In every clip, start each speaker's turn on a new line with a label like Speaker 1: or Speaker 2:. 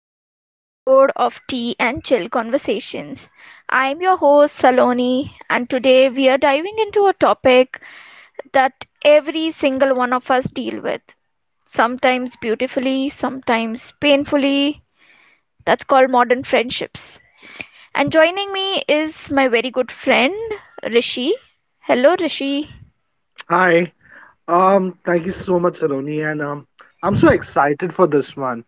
Speaker 1: to another episode of Tea and Chill Conversations. I'm your host Saloni, and today we are diving into a topic that every single one of us deal with, sometimes beautifully, sometimes painfully. That's called modern friendships. And joining me is my very good friend Rishi. Hello, Rishi.
Speaker 2: Hi. Thank you so much, Saloni, and I'm so excited for this one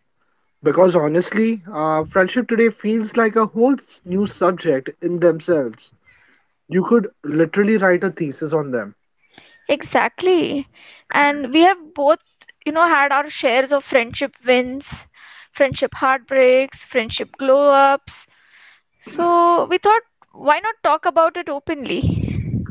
Speaker 2: because honestly, friendship today feels like a whole new subject in themselves. You could literally write a thesis on them,
Speaker 1: Exactly. And we have both, you know, had our shares of friendship wins, friendship heartbreaks, friendship glow ups. So we thought, why not talk about it openly?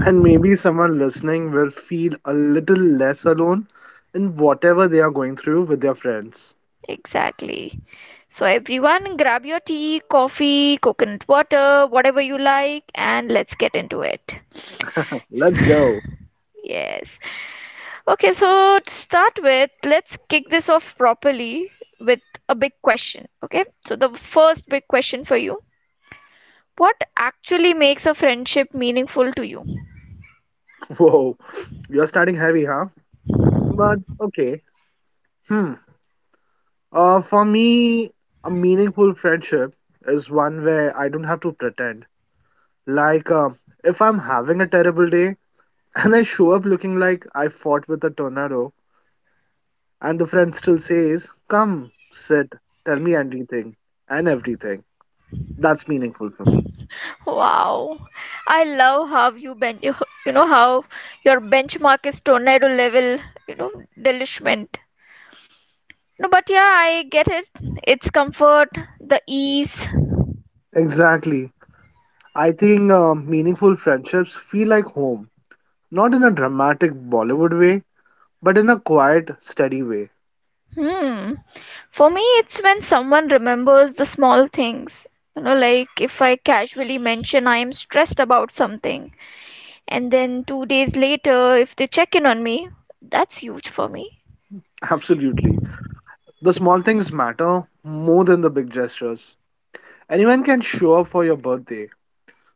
Speaker 2: and maybe someone listening will feel a little less alone in whatever they are going through with their friends.
Speaker 1: Exactly. So everyone, grab your tea, coffee, coconut water, whatever you like, and let's get into it.
Speaker 2: Let's go.
Speaker 1: Yes. Okay, so to start with, let's kick this off properly with a big question. Okay, so the first big question for you: what actually makes a friendship meaningful to you?
Speaker 2: Whoa, you're starting heavy, huh? But okay. Hmm. For me, a meaningful friendship is one where I don't have to pretend. Like, if I'm having a terrible day and I show up looking like I fought with a tornado, and the friend still says, "Come, sit, tell me anything and everything," that's meaningful for me.
Speaker 1: Wow, I love how you you know, how your benchmark is tornado level, you know, delishment. No, but yeah, I get it. It's comfort, the ease.
Speaker 2: Exactly. I think meaningful friendships feel like home, not in a dramatic Bollywood way, but in a quiet, steady way.
Speaker 1: Hmm. For me, it's when someone remembers the small things. You know, like if I casually mention I am stressed about something, and then 2 days later, if they check in on me, that's huge for me.
Speaker 2: Absolutely. The small things matter more than the big gestures. Anyone can show up for your birthday,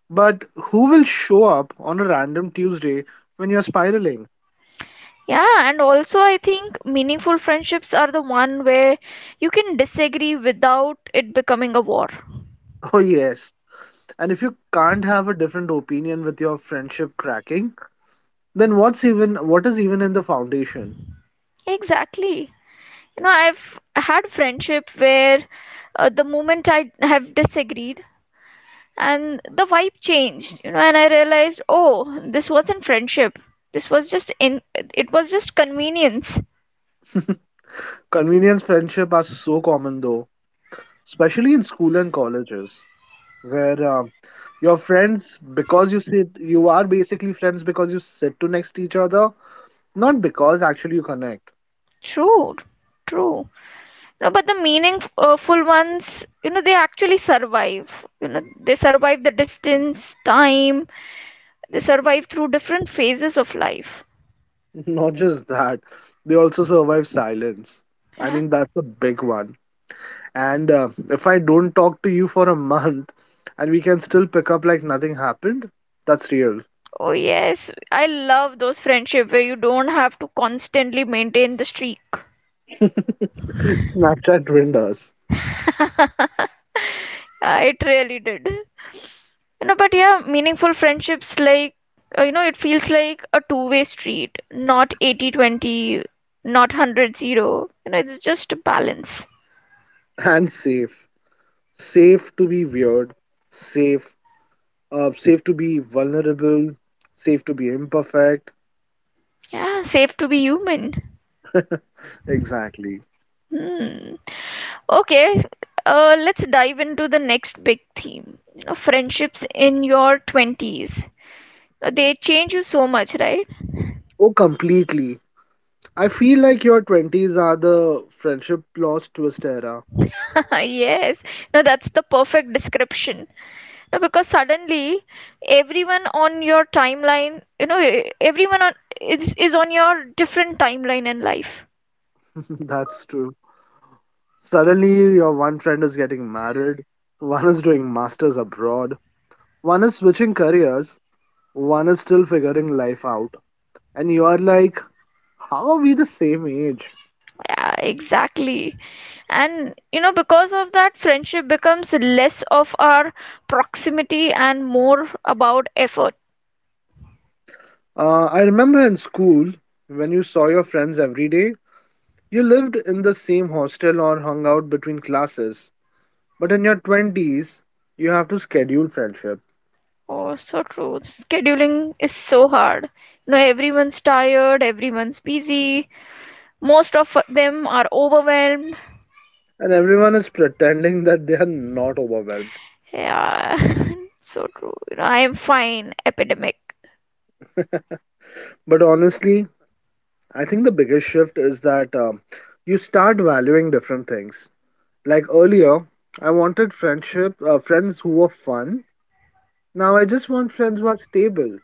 Speaker 2: but who will show up on a random Tuesday when you're spiraling?
Speaker 1: Yeah, and also I think meaningful friendships are the one where you can disagree without it becoming a war.
Speaker 2: Oh, yes. And if you can't have a different opinion with your friendship cracking, then what is even in the foundation?
Speaker 1: Exactly. You know, I've had friendship where the moment I have disagreed, and the vibe changed, you know, and I realized, oh, this wasn't friendship, this was just in it was just convenience.
Speaker 2: Convenience friendship are so common though, especially in school and colleges, where you are basically friends because you sit to next to each other, not because actually you connect.
Speaker 1: True, true. No, but the meaningful full ones, you know, they actually survive, you know, they survive the distance, time, they survive through different phases of life.
Speaker 2: Not just that, they also survive silence. I
Speaker 1: Yeah.
Speaker 2: mean, that's a big one. And if I don't talk to you for a month and we can still pick up like nothing happened, that's real.
Speaker 1: Oh yes, I love those friendship where you don't have to constantly maintain the streak.
Speaker 2: Snapchat ruined us.
Speaker 1: Yeah, it really did, you know, but yeah, meaningful friendships, like, you know, it feels like a two-way street, not 80-20, not 100-0. You know, it's just a balance.
Speaker 2: And safe. Safe to be weird, safe, safe to be vulnerable, safe to be imperfect.
Speaker 1: Yeah, safe to be human.
Speaker 2: Exactly.
Speaker 1: Hmm. Okay, let's dive into the next big theme, you know, friendships in your 20s. They change you so much, right?
Speaker 2: Oh, completely. I feel like your 20s are the friendship lost twist era.
Speaker 1: Yes, no, that's the perfect description. No, because suddenly everyone on your timeline, you know, e- everyone on is on your different timeline in life.
Speaker 2: That's true. Suddenly, your one friend is getting married, one is doing masters abroad, one is switching careers, one is still figuring life out, and you are like, how are we the same age?
Speaker 1: Yeah, exactly. And you know, because of that, friendship becomes less of our proximity and more about effort.
Speaker 2: I remember in school, when you saw your friends every day, you lived in the same hostel or hung out between classes. But in your 20s, you have to schedule friendship,
Speaker 1: Oh, so true. Scheduling is so hard. You know, everyone's tired, everyone's busy, most of them are overwhelmed.
Speaker 2: and everyone is pretending that they are not overwhelmed.
Speaker 1: Yeah, so true. You know, I am fine, epidemic.
Speaker 2: But honestly, I think the biggest shift is that you start valuing different things. Like earlier, I wanted friends who were fun. Now I just want friends who are stable.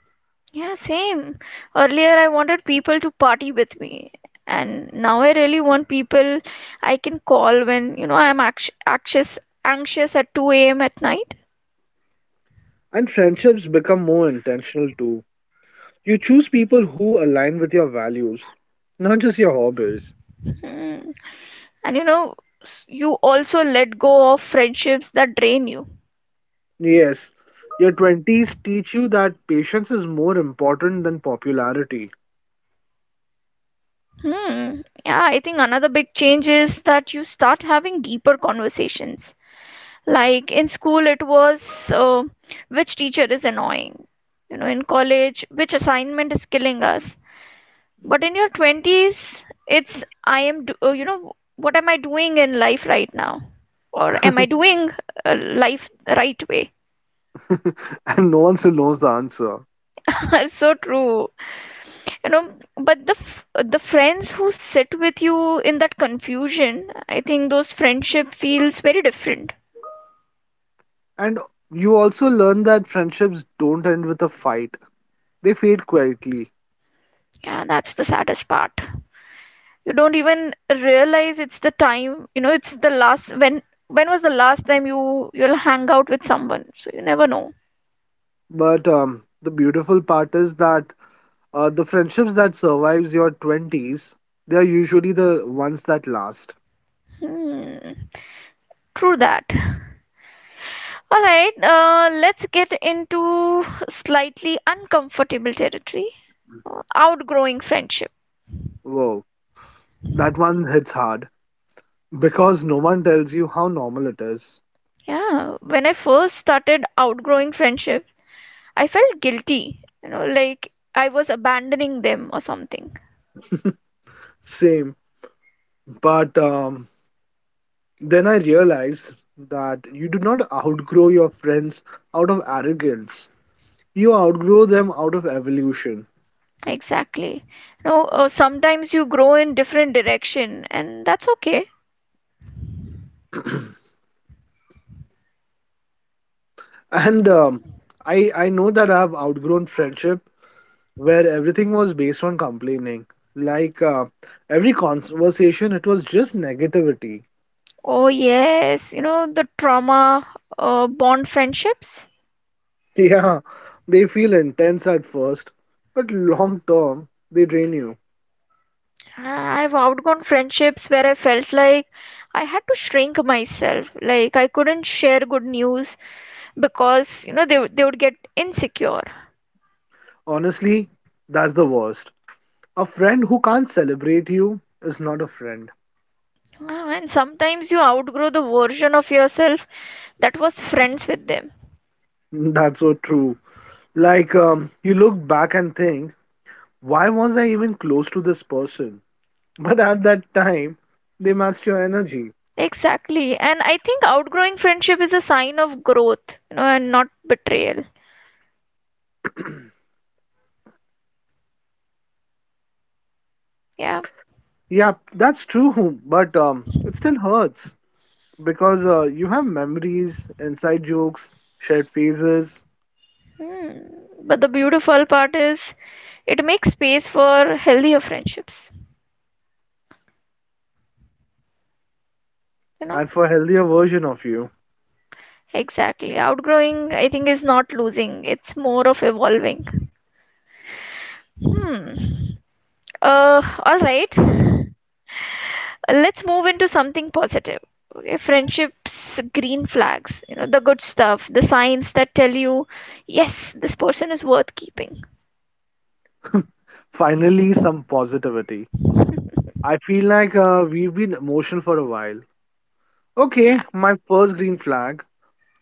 Speaker 1: Yeah, same. Earlier, I wanted people to party with me, and now I really want people I can call when, you know, I'm anxious at 2 a.m. at night.
Speaker 2: And friendships become more intentional too. You choose people who align with your values, not just your hobbies.
Speaker 1: Hmm. And you know, you also let go of friendships that drain you.
Speaker 2: Yes, your 20s teach you that patience is more important than popularity.
Speaker 1: Hmm. Yeah, I think another big change is that you start having deeper conversations. Like in school, it was uh, which teacher is annoying? You know, in college, which assignment is killing us? But in your 20s, it's you know, what am I doing in life right now? Or am I doing life the right way?
Speaker 2: And no one still knows the answer.
Speaker 1: So true. You know, but the friends who sit with you in that confusion, I think those friendship feels very different.
Speaker 2: And you also learn that friendships don't end with a fight. They fade quietly.
Speaker 1: Yeah, that's the saddest part. You don't even realize it's the time, you know, it's the last, when was the last time you you'll hang out with someone? So you never know.
Speaker 2: But the beautiful part is that the friendships that survives your 20s, they are usually the ones that last.
Speaker 1: Hmm, true that. All right, let's get into slightly uncomfortable territory. Outgrowing friendship.
Speaker 2: Whoa, that one hits hard because no one tells you how normal it is.
Speaker 1: Yeah, when I first started outgrowing friendship, I felt guilty, you know, like I was abandoning them or something.
Speaker 2: Same. But then I realized that you do not outgrow your friends out of arrogance. You outgrow them out of evolution.
Speaker 1: Exactly. You know, sometimes you grow in different direction, and that's okay.
Speaker 2: And I know that I've outgrown friendship where everything was based on complaining. Like every conversation, it was just negativity.
Speaker 1: Oh yes, you know, the trauma bond friendships.
Speaker 2: Yeah, they feel intense at first, but long term, they drain you.
Speaker 1: I- have outgone friendships where I felt like I had to shrink myself. Like I couldn't share good news because, you know, they would get insecure.
Speaker 2: Honestly, that's the worst. A friend who can't celebrate you is not a friend.
Speaker 1: And sometimes you outgrow the version of yourself that was friends with them.
Speaker 2: That's so true. Like, you look back and think, why was I even close to this person? But at that time, they matched your energy.
Speaker 1: Exactly. And I think outgrowing friendship is a sign of growth, you know, and not betrayal. Yeah.
Speaker 2: Yeah, that's true, but it still hurts, because you have memories, inside jokes, shared phases,
Speaker 1: Hmm. But the beautiful part is it makes space for healthier friendships, you know.
Speaker 2: and for a healthier version of you,
Speaker 1: Exactly. Outgrowing, I think, is not losing, it's more of evolving. Hmm. All right. Let's move into something positive. Okay, friendships, green flags, you know, the good stuff, the signs that tell you, yes, this person is worth keeping.
Speaker 2: finally some positivity. I feel like we've been emotional for a while.
Speaker 1: Yeah.
Speaker 2: Okay, my first green flag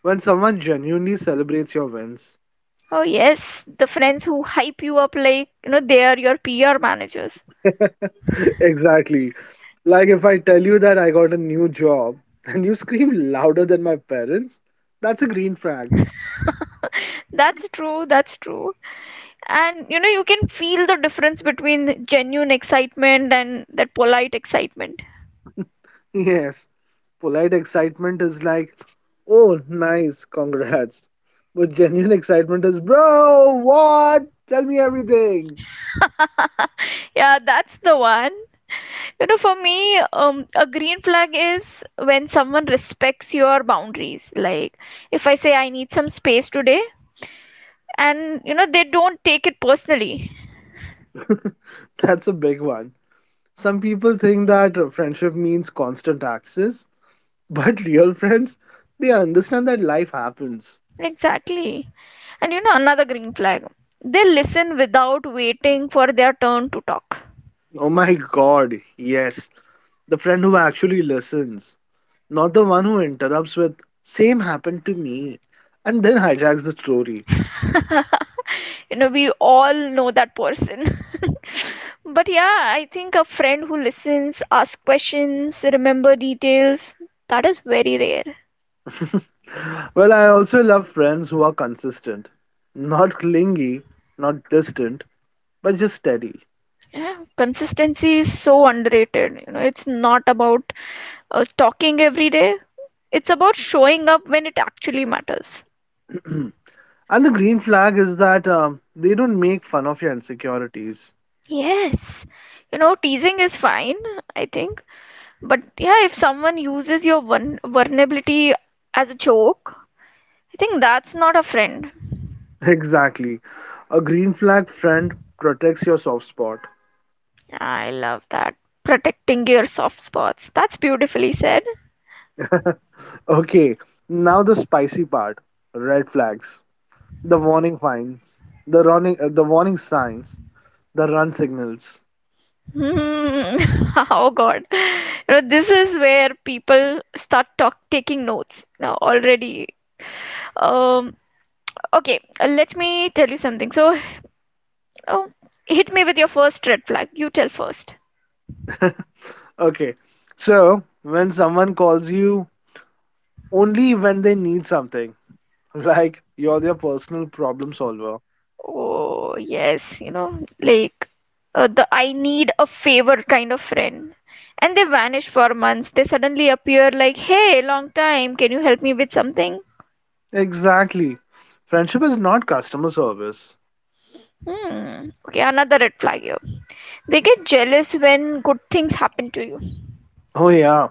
Speaker 2: when someone genuinely celebrates your wins.
Speaker 1: Oh, yes, the friends who hype you up like, you know, they are your PR managers.
Speaker 2: Exactly. Like if I tell you that I got a new job and you scream louder than my parents, that's a green flag.
Speaker 1: That's true, that's true. And you know, you can feel the difference between genuine excitement and that polite excitement.
Speaker 2: Yes, polite excitement is like, "Oh, nice, congrats." But genuine excitement is, "Bro, what? Tell me everything."
Speaker 1: Yeah, that's the one. You know, for me, a green flag is when someone respects your boundaries, like if I say I need some space today, and you know, they don't take it personally.
Speaker 2: That's a big one. Some people think that friendship means constant access, but real friends, they understand that life happens.
Speaker 1: Exactly. And you know, another green flag, they listen without waiting for their turn to talk.
Speaker 2: Oh my god, yes. The friend who actually listens, not the one who interrupts with, "Same happened to me," and then hijacks the story.
Speaker 1: You know, we all know that person. But yeah, I think a friend who listens, asks questions, remember details, that is very rare.
Speaker 2: Well, I also love friends who are consistent, not clingy, not distant, but just steady.
Speaker 1: Yeah, consistency is so underrated. You know, it's not about talking every day, it's about showing up when it actually matters.
Speaker 2: And the green flag is that they don't make fun of your insecurities.
Speaker 1: Yes, you know, teasing is fine, I think, but yeah, if someone uses your vulnerability as a joke, I think that's not a friend.
Speaker 2: Exactly. A green flag friend protects your soft spot.
Speaker 1: I love that. Protecting your soft spots. That's beautifully said.
Speaker 2: Okay, now the spicy part: red flags, the warning signs, the warning signs, the run signals.
Speaker 1: Hmm. Oh God. You know, this is where people start talk taking notes now already. Um, okay, let me tell you something. So, oh, hit me with your first red flag. You tell first.
Speaker 2: Okay, so when someone calls you only when they need something, like you're their personal problem solver.
Speaker 1: Oh, yes, you know, like the I need a favor kind of friend. And they vanish for months. They suddenly appear like, hey, long time, can you help me with something?
Speaker 2: Exactly. Friendship is not customer service.
Speaker 1: Hmm. Okay, another red flag here. They get jealous when good things happen to you.
Speaker 2: Oh, yeah.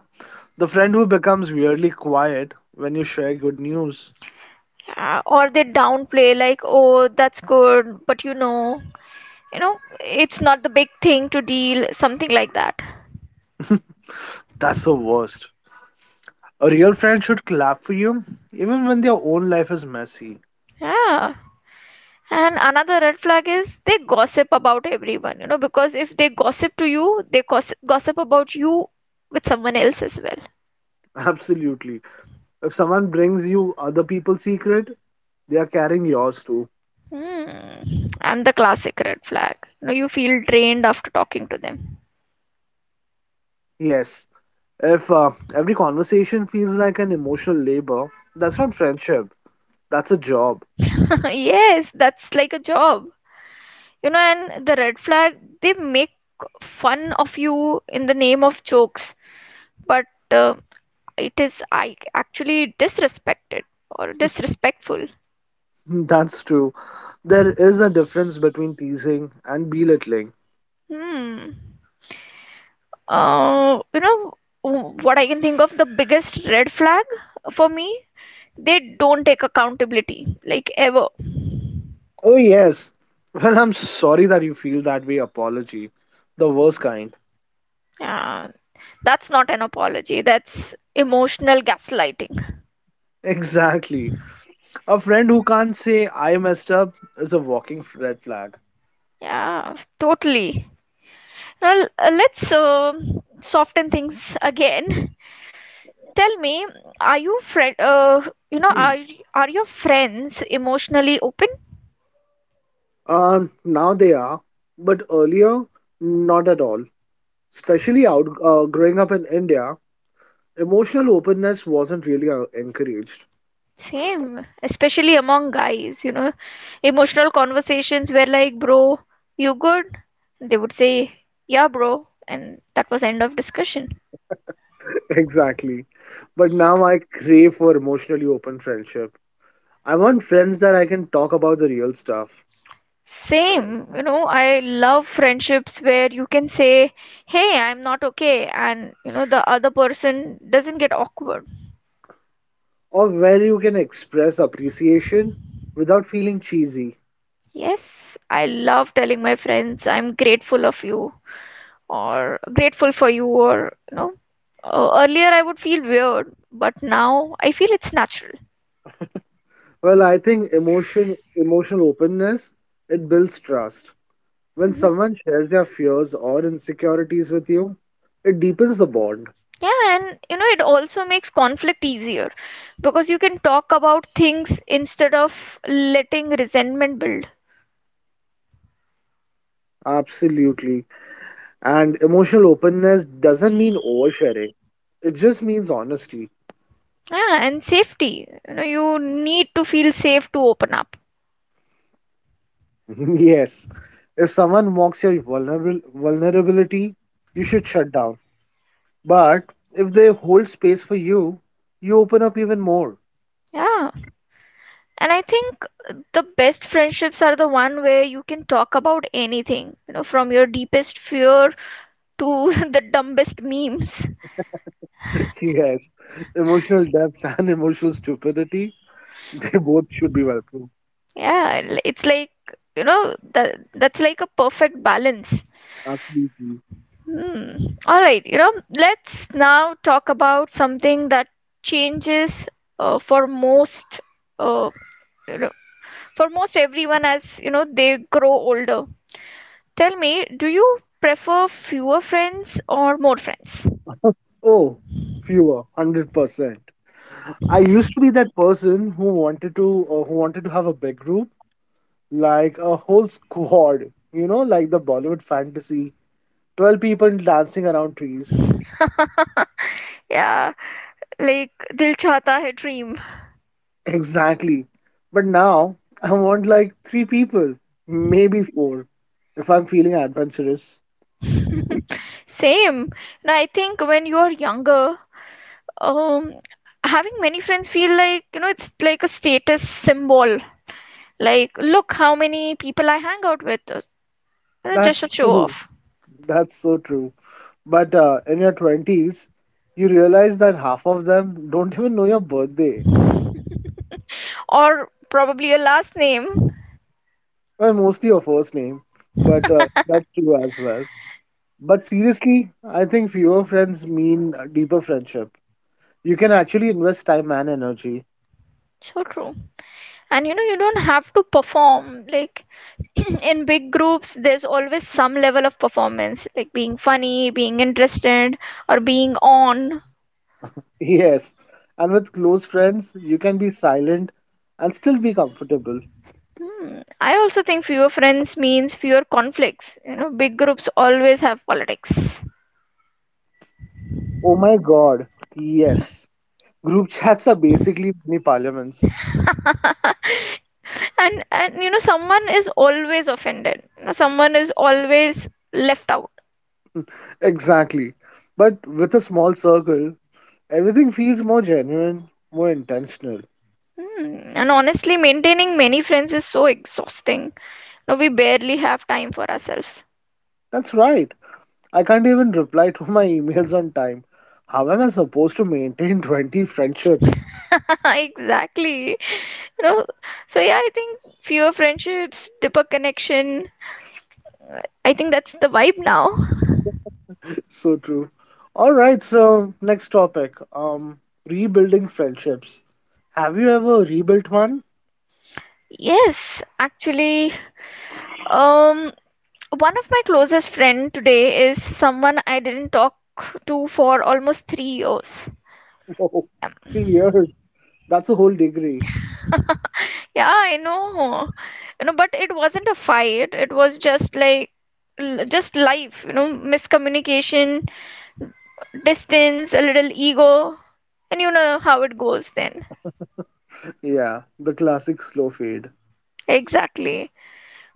Speaker 2: The friend who becomes weirdly quiet when you share good news.
Speaker 1: Yeah, or they downplay like, "Oh, that's good," but you know, it's not the big thing to deal, something like that.
Speaker 2: That's the worst. A real friend should clap for you even when their own life is messy.
Speaker 1: Yeah. And another red flag is they gossip about everyone, you know, because if they gossip to you, they gossip about you with someone else as well.
Speaker 2: Absolutely. If someone brings you other people's secret, they are carrying yours too.
Speaker 1: Hmm. And the classic red flag. You know, you feel drained after talking to them.
Speaker 2: Yes. If every conversation feels like an emotional labor, that's not friendship. That's a job.
Speaker 1: Yes, that's like a job. You know, and the red flag, they make fun of you in the name of jokes, but uh, it is I actually disrespected or disrespectful.
Speaker 2: That's true. There is a difference between teasing and belittling.
Speaker 1: Hmm. You know, what I can think of the biggest red flag for me? They don't take accountability, like ever.
Speaker 2: Oh, yes. Well, "I'm sorry that you feel that way." Apology. The worst kind.
Speaker 1: Yeah, that's not an apology. That's emotional gaslighting.
Speaker 2: Exactly. A friend who can't say "I messed up" is a walking red flag.
Speaker 1: Yeah, totally. Well, let's soften things again. Tell me, are you friend? You know, are your friends emotionally open?
Speaker 2: Now they are, but earlier, not at all. Especially out growing up in India, emotional openness wasn't really encouraged.
Speaker 1: Same, especially among guys. You know, emotional conversations were like, "Bro, you good?" They would say, "Yeah, bro," and that was end of discussion.
Speaker 2: Exactly. But now I crave for emotionally open friendship. I want friends that I can talk about the real stuff,
Speaker 1: Same, you know, I love friendships where you can say, "Hey, I'm not okay," and you know the other person doesn't get awkward.
Speaker 2: or where you can express appreciation without feeling cheesy.
Speaker 1: Yes, I love telling my friends, "I'm grateful of you." Or grateful for you, or you know, earlier I would feel weird, but now I feel it's natural.
Speaker 2: Well, I think emotional openness, it builds trust. When
Speaker 1: Mhm.
Speaker 2: someone shares their fears or insecurities with you, it deepens the bond.
Speaker 1: Yeah, and you know, it also makes conflict easier because you can talk about things instead of letting resentment build.
Speaker 2: Absolutely. And emotional openness doesn't mean oversharing. It just means honesty.
Speaker 1: Yeah, and safety, you know, you need to feel safe to open up.
Speaker 2: Yes. If someone mocks your vulnerable vulnerability, you should shut down. But if they hold space for you, you open up even more.
Speaker 1: Yeah, and I think the best friendships are the one where you can talk about anything, you know, from your deepest fear to the dumbest memes.
Speaker 2: Yes, emotional depth and emotional stupidity, they both should be welcome.
Speaker 1: Yeah, it's like, you know, that's like a perfect balance.
Speaker 2: Absolutely.
Speaker 1: Hmm. All right, you know, let's now talk about something that changes for most uh, you know, for most everyone as, you know, they grow older. Tell me, do you prefer fewer friends or more friends?
Speaker 2: Oh, fewer, 100%. I used to be that person who wanted to have a big group, like a whole squad, you know, like the Bollywood fantasy, 12 people dancing around trees.
Speaker 1: Yeah, like Dil Chahta Hai Dream.
Speaker 2: Exactly. But now I want like three people, maybe four, if I'm feeling adventurous.
Speaker 1: Same. Now, I think when you are younger, um, having many friends feel like, you know, it's like a status symbol. Like, look how many people I hang out with. Just
Speaker 2: That's
Speaker 1: a show
Speaker 2: true.
Speaker 1: off.
Speaker 2: That's so true. But in your 20s, you realize that half of them don't even know your birthday.
Speaker 1: Or probably your last name.
Speaker 2: Well, mostly your first name, but that's true as well. But seriously, I think fewer friends mean a deeper friendship. You can actually invest time and energy.
Speaker 1: So true. And you know, you don't have to perform. Like, in big groups, there's always some level of performance, like being funny, being interested, or being on.
Speaker 2: Yes, and with close friends, you can be silent and still be comfortable.
Speaker 1: Hmm. I also think fewer friends means fewer conflicts. You know, big groups always have politics.
Speaker 2: Oh my god, yes. Group chats are basically mini parliaments.
Speaker 1: And you know someone is always offended. You know, someone is always left out.
Speaker 2: Exactly. But with a small circle, everything feels more genuine, more intentional.
Speaker 1: Hmm, and honestly maintaining many friends is so exhausting. No, we barely have time for ourselves.
Speaker 2: That's right. I can't even reply to my emails on time. How am I supposed to maintain 20 friendships?
Speaker 1: Exactly, you know, so yeah, I think fewer friendships, deeper connection. I think that's the vibe now.
Speaker 2: So true. All right, so next topic. Rebuilding friendships. Have you ever rebuilt one?
Speaker 1: Yes, actually, um one of my closest friend today is someone I didn't talk to for almost 3 years.
Speaker 2: Whoa,
Speaker 1: Um,
Speaker 2: 3 years. That's a whole degree.
Speaker 1: yeah, I know. You know, but it wasn't a fight. It was just like just life, you know, miscommunication, distance, a little ego, and you know how it goes then.
Speaker 2: Yeah, the classic slow fade.
Speaker 1: Exactly.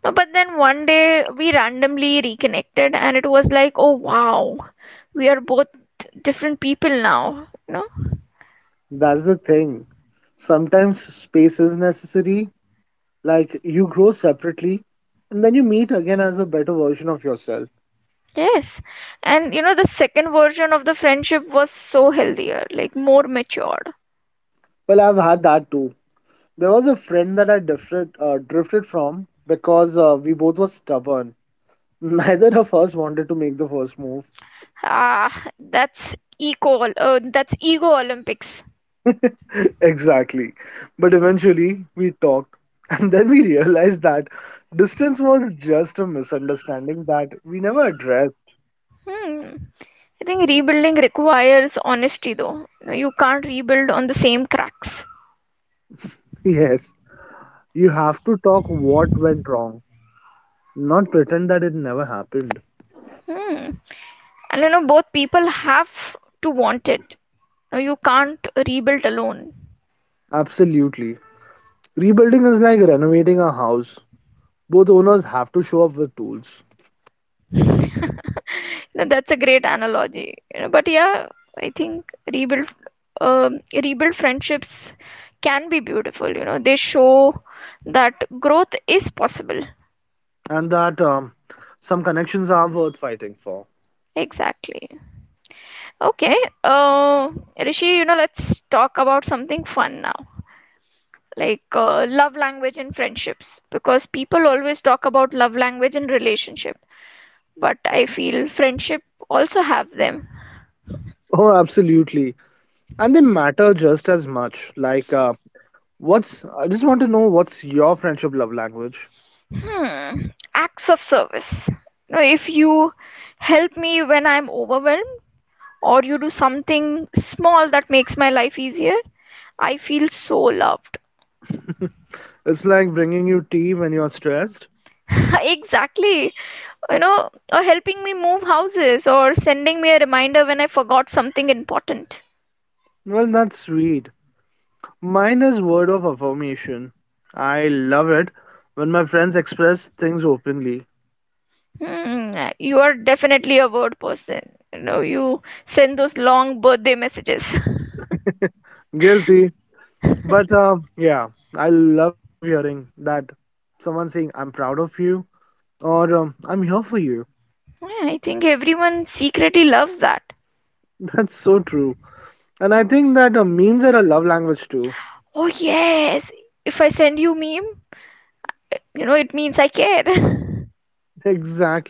Speaker 1: No, but then one day we randomly reconnected and it was like, "Oh wow. We are both different people now." You know?
Speaker 2: That's the thing. Sometimes space is necessary. Like you grow separately and then you meet again as a better version of yourself.
Speaker 1: Yes. And you know, the second version of the friendship was so healthier, like more matured.
Speaker 2: Well, I've had that too. There was a friend that drifted from because we both were stubborn. Neither of us wanted to make the first move.
Speaker 1: Ah, that's ego Olympics.
Speaker 2: Exactly. But eventually we talked, and then we realized that distance was just a misunderstanding that we never addressed.
Speaker 1: Hmm. I think rebuilding requires honesty though. You know, you can't rebuild on the same cracks.
Speaker 2: Yes, you have to talk what went wrong, not pretend that it never happened.
Speaker 1: Hmm. And you know, both people have to want it. No, you can't rebuild alone.
Speaker 2: Absolutely. Rebuilding is like renovating a house. Both owners have to show up with tools,
Speaker 1: No, that's a great analogy. You know, but yeah, I think rebuild rebuild friendships can be beautiful. You know, they show that growth is possible.
Speaker 2: and that some connections are worth fighting for.
Speaker 1: Exactly. Okay. Uh, Rishi, you know, let's talk about something fun now. Like love language and friendships, because people always talk about love language and relationship, but I feel friendship also have them.
Speaker 2: Oh, absolutely. And they matter just as much. Like, What's I just want to know what's your friendship love language?
Speaker 1: Hmm, acts of service. Now, if you help me when I'm overwhelmed, or you do something small that makes my life easier, I feel so loved.
Speaker 2: It's like bringing you tea when you're stressed.
Speaker 1: Exactly. You know, or helping me move houses, or sending me a reminder when I forgot something important.
Speaker 2: Well, that's sweet. Mine is word of affirmation. I love it when my friends express things openly.
Speaker 1: Hmm, you are definitely a word person. You know, you send those long birthday messages.
Speaker 2: Guilty, but yeah, I love hearing that someone saying "I'm proud of you" or "I'm here for you."
Speaker 1: Yeah, I think everyone secretly loves that.
Speaker 2: That's so true. And I think that memes are a love language too.
Speaker 1: Oh yes, if I send you meme, you know it means I care.
Speaker 2: Exactly.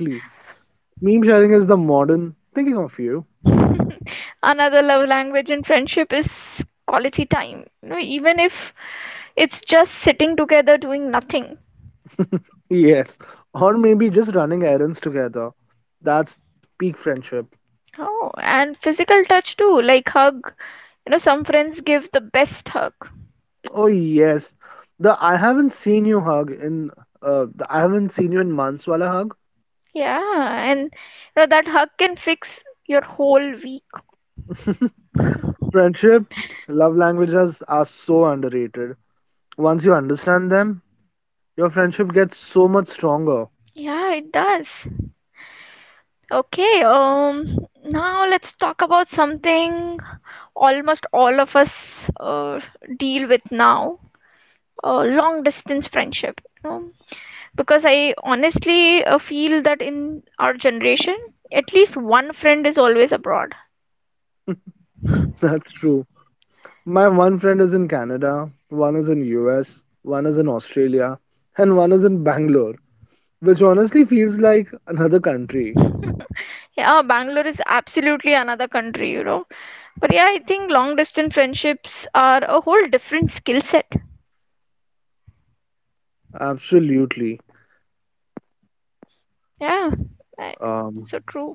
Speaker 2: Meme sharing is the modern thinking of you.
Speaker 1: Another love language in friendship is quality time. You know, even if it's just sitting together doing nothing.
Speaker 2: Yes, or maybe just running errands together. That's peak friendship.
Speaker 1: Oh, and physical touch too, like hug. You know, some friends give the best hug.
Speaker 2: Oh yes, the I haven't seen you hug in the I haven't seen you in months wala hug.
Speaker 1: Yeah, and you know that hug can fix your whole week.
Speaker 2: Friendship love languages are so underrated. Once you understand them, your friendship gets so much stronger.
Speaker 1: Yeah, it does. Okay, now let's talk about something almost all of us uh, deal with now, long distance friendship. You know? Because I honestly feel that in our generation, at least one friend is always abroad.
Speaker 2: That's true. My one friend is in Canada, one is in US, one is in Australia, and one is in Bangalore, which honestly feels like another country.
Speaker 1: Yeah, Bangalore is absolutely another country, you know. But yeah, I think long distance friendships are a whole different skill set.
Speaker 2: Absolutely.
Speaker 1: Yeah, right.
Speaker 2: Um,
Speaker 1: So true.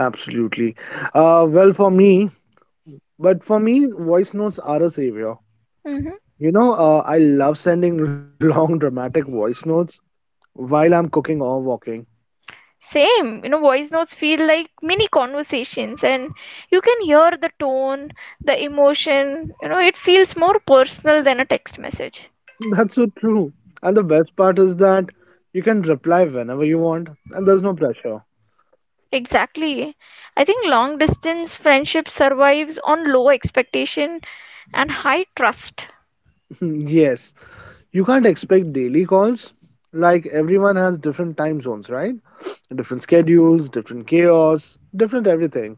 Speaker 2: absolutely. Uh, well, for me, but for me, voice notes are a savior.
Speaker 1: Hmm.
Speaker 2: You know, I love sending long, dramatic voice notes while I'm cooking or walking.
Speaker 1: Same, you know, voice notes feel like mini conversations, and you can hear the tone, the emotion, you know, it feels more personal than a text message.
Speaker 2: That's so true. And the best part is that you can reply whenever you want, and there's no pressure.
Speaker 1: Exactly. I think long distance friendship survives on low expectation and high trust.
Speaker 2: Yes, you can't expect daily calls. Like everyone has different time zones, right? Different schedules, different chaos, different everything.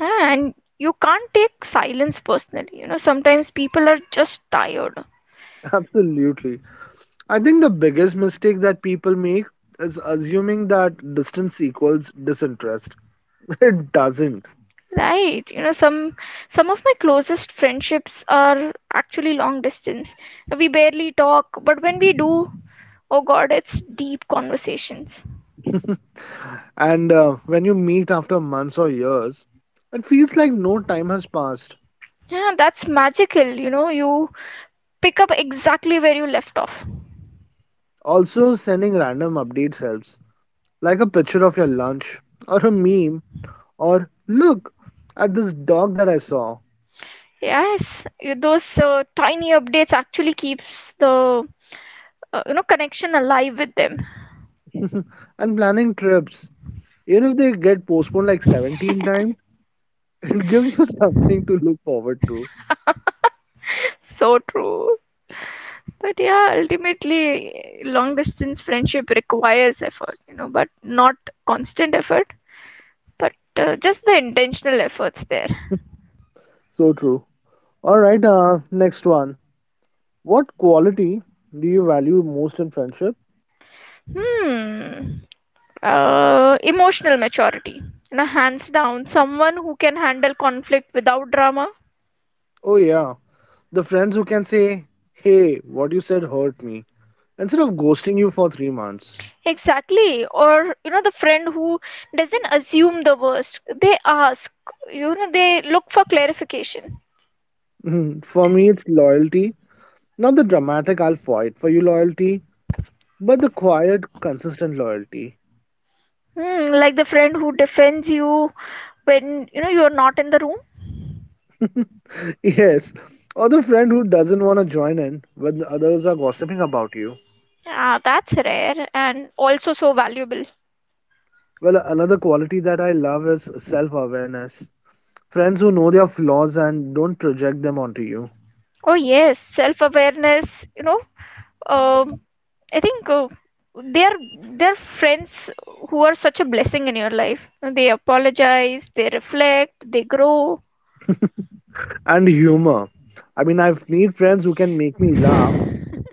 Speaker 1: Ah, and you can't take silence personally. You know, sometimes people are just tired.
Speaker 2: Absolutely. I think the biggest mistake that people make is assuming that distance equals disinterest. It doesn't.
Speaker 1: Right. You know, some of my closest friendships are actually long distance. We barely talk, but when we do, oh God, it's deep conversations.
Speaker 2: And when you meet after months or years, it feels like no time has passed.
Speaker 1: Yeah, that's magical. You know, you pick up exactly where you left off.
Speaker 2: Also, sending random updates helps, like a picture of your lunch, or a meme, or look at this dog that I saw.
Speaker 1: Yes, those tiny updates actually keeps the you know connection alive with them.
Speaker 2: And planning trips, even if they get postponed like 17 times, it gives you something to look forward to.
Speaker 1: So true. But yeah, ultimately, long distance friendship requires effort. You know, but not constant effort, but just the intentional efforts there.
Speaker 2: So true. All right, next one. What quality do you value most in friendship?
Speaker 1: Hmm. Emotional maturity. And a hands down, someone who can handle conflict without drama.
Speaker 2: Oh, yeah, the friends who can say, "Hey, what you said hurt me," instead of ghosting you for 3 months.
Speaker 1: Exactly. Or, you know, the friend who doesn't assume the worst. They ask, you know, they look for clarification.
Speaker 2: Mhm. For me, it's loyalty. Not the dramatic "I'll fight for you" loyalty, but the quiet, consistent loyalty.
Speaker 1: Hmm, like the friend who defends you when, you know, you're not in the room.
Speaker 2: Yes, or the friend who doesn't want to join in when the others are gossiping about you.
Speaker 1: Yeah, that's rare and also so valuable.
Speaker 2: Well, another quality that I love is self awareness. Friends who know their flaws and don't project them onto you
Speaker 1: Oh yes, self-awareness, you know, um, I think they're they're friends who are such a blessing in your life. You know, they apologize, they reflect, they grow.
Speaker 2: and humor. I mean, I've made friends who can make me laugh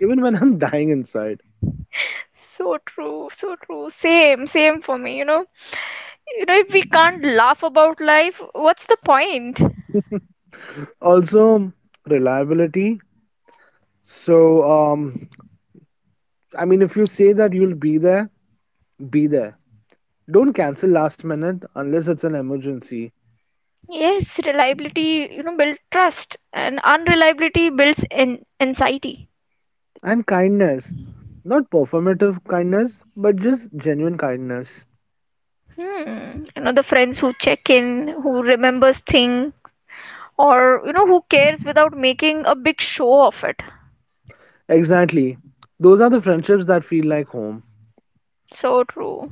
Speaker 2: even when I'm dying inside.
Speaker 1: So true, so true. Same, same for me, you know. You know, if we can't laugh about life, what's the point?
Speaker 2: Also, reliability. So, I mean, if you say that you'll be there, be there. Don't cancel last minute unless it's an emergency.
Speaker 1: Yes, reliability, you know, builds trust, and unreliability builds an anxiety.
Speaker 2: And kindness. Not performative kindness, but just genuine kindness.
Speaker 1: Hmm. You know, the friends who check in, who remembers thing, or you know who cares without making a big show of it.
Speaker 2: Exactly. Those are the friendships that feel like home.
Speaker 1: So true.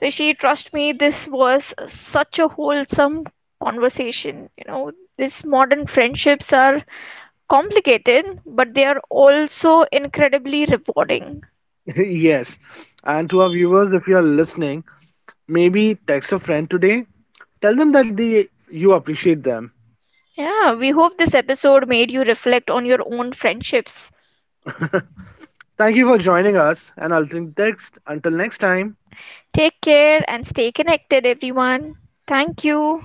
Speaker 1: Rishi, trust me, this was such a wholesome conversation. You know, these modern friendships are complicated, but they are also incredibly rewarding.
Speaker 2: Yes. And to our viewers, if you are listening, maybe text a friend today. Tell them that you appreciate them.
Speaker 1: Yeah, we hope this episode made you reflect on your own friendships.
Speaker 2: Thank you for joining us, and I'll think text. Until next time.
Speaker 1: Take care and stay connected, everyone. Thank you.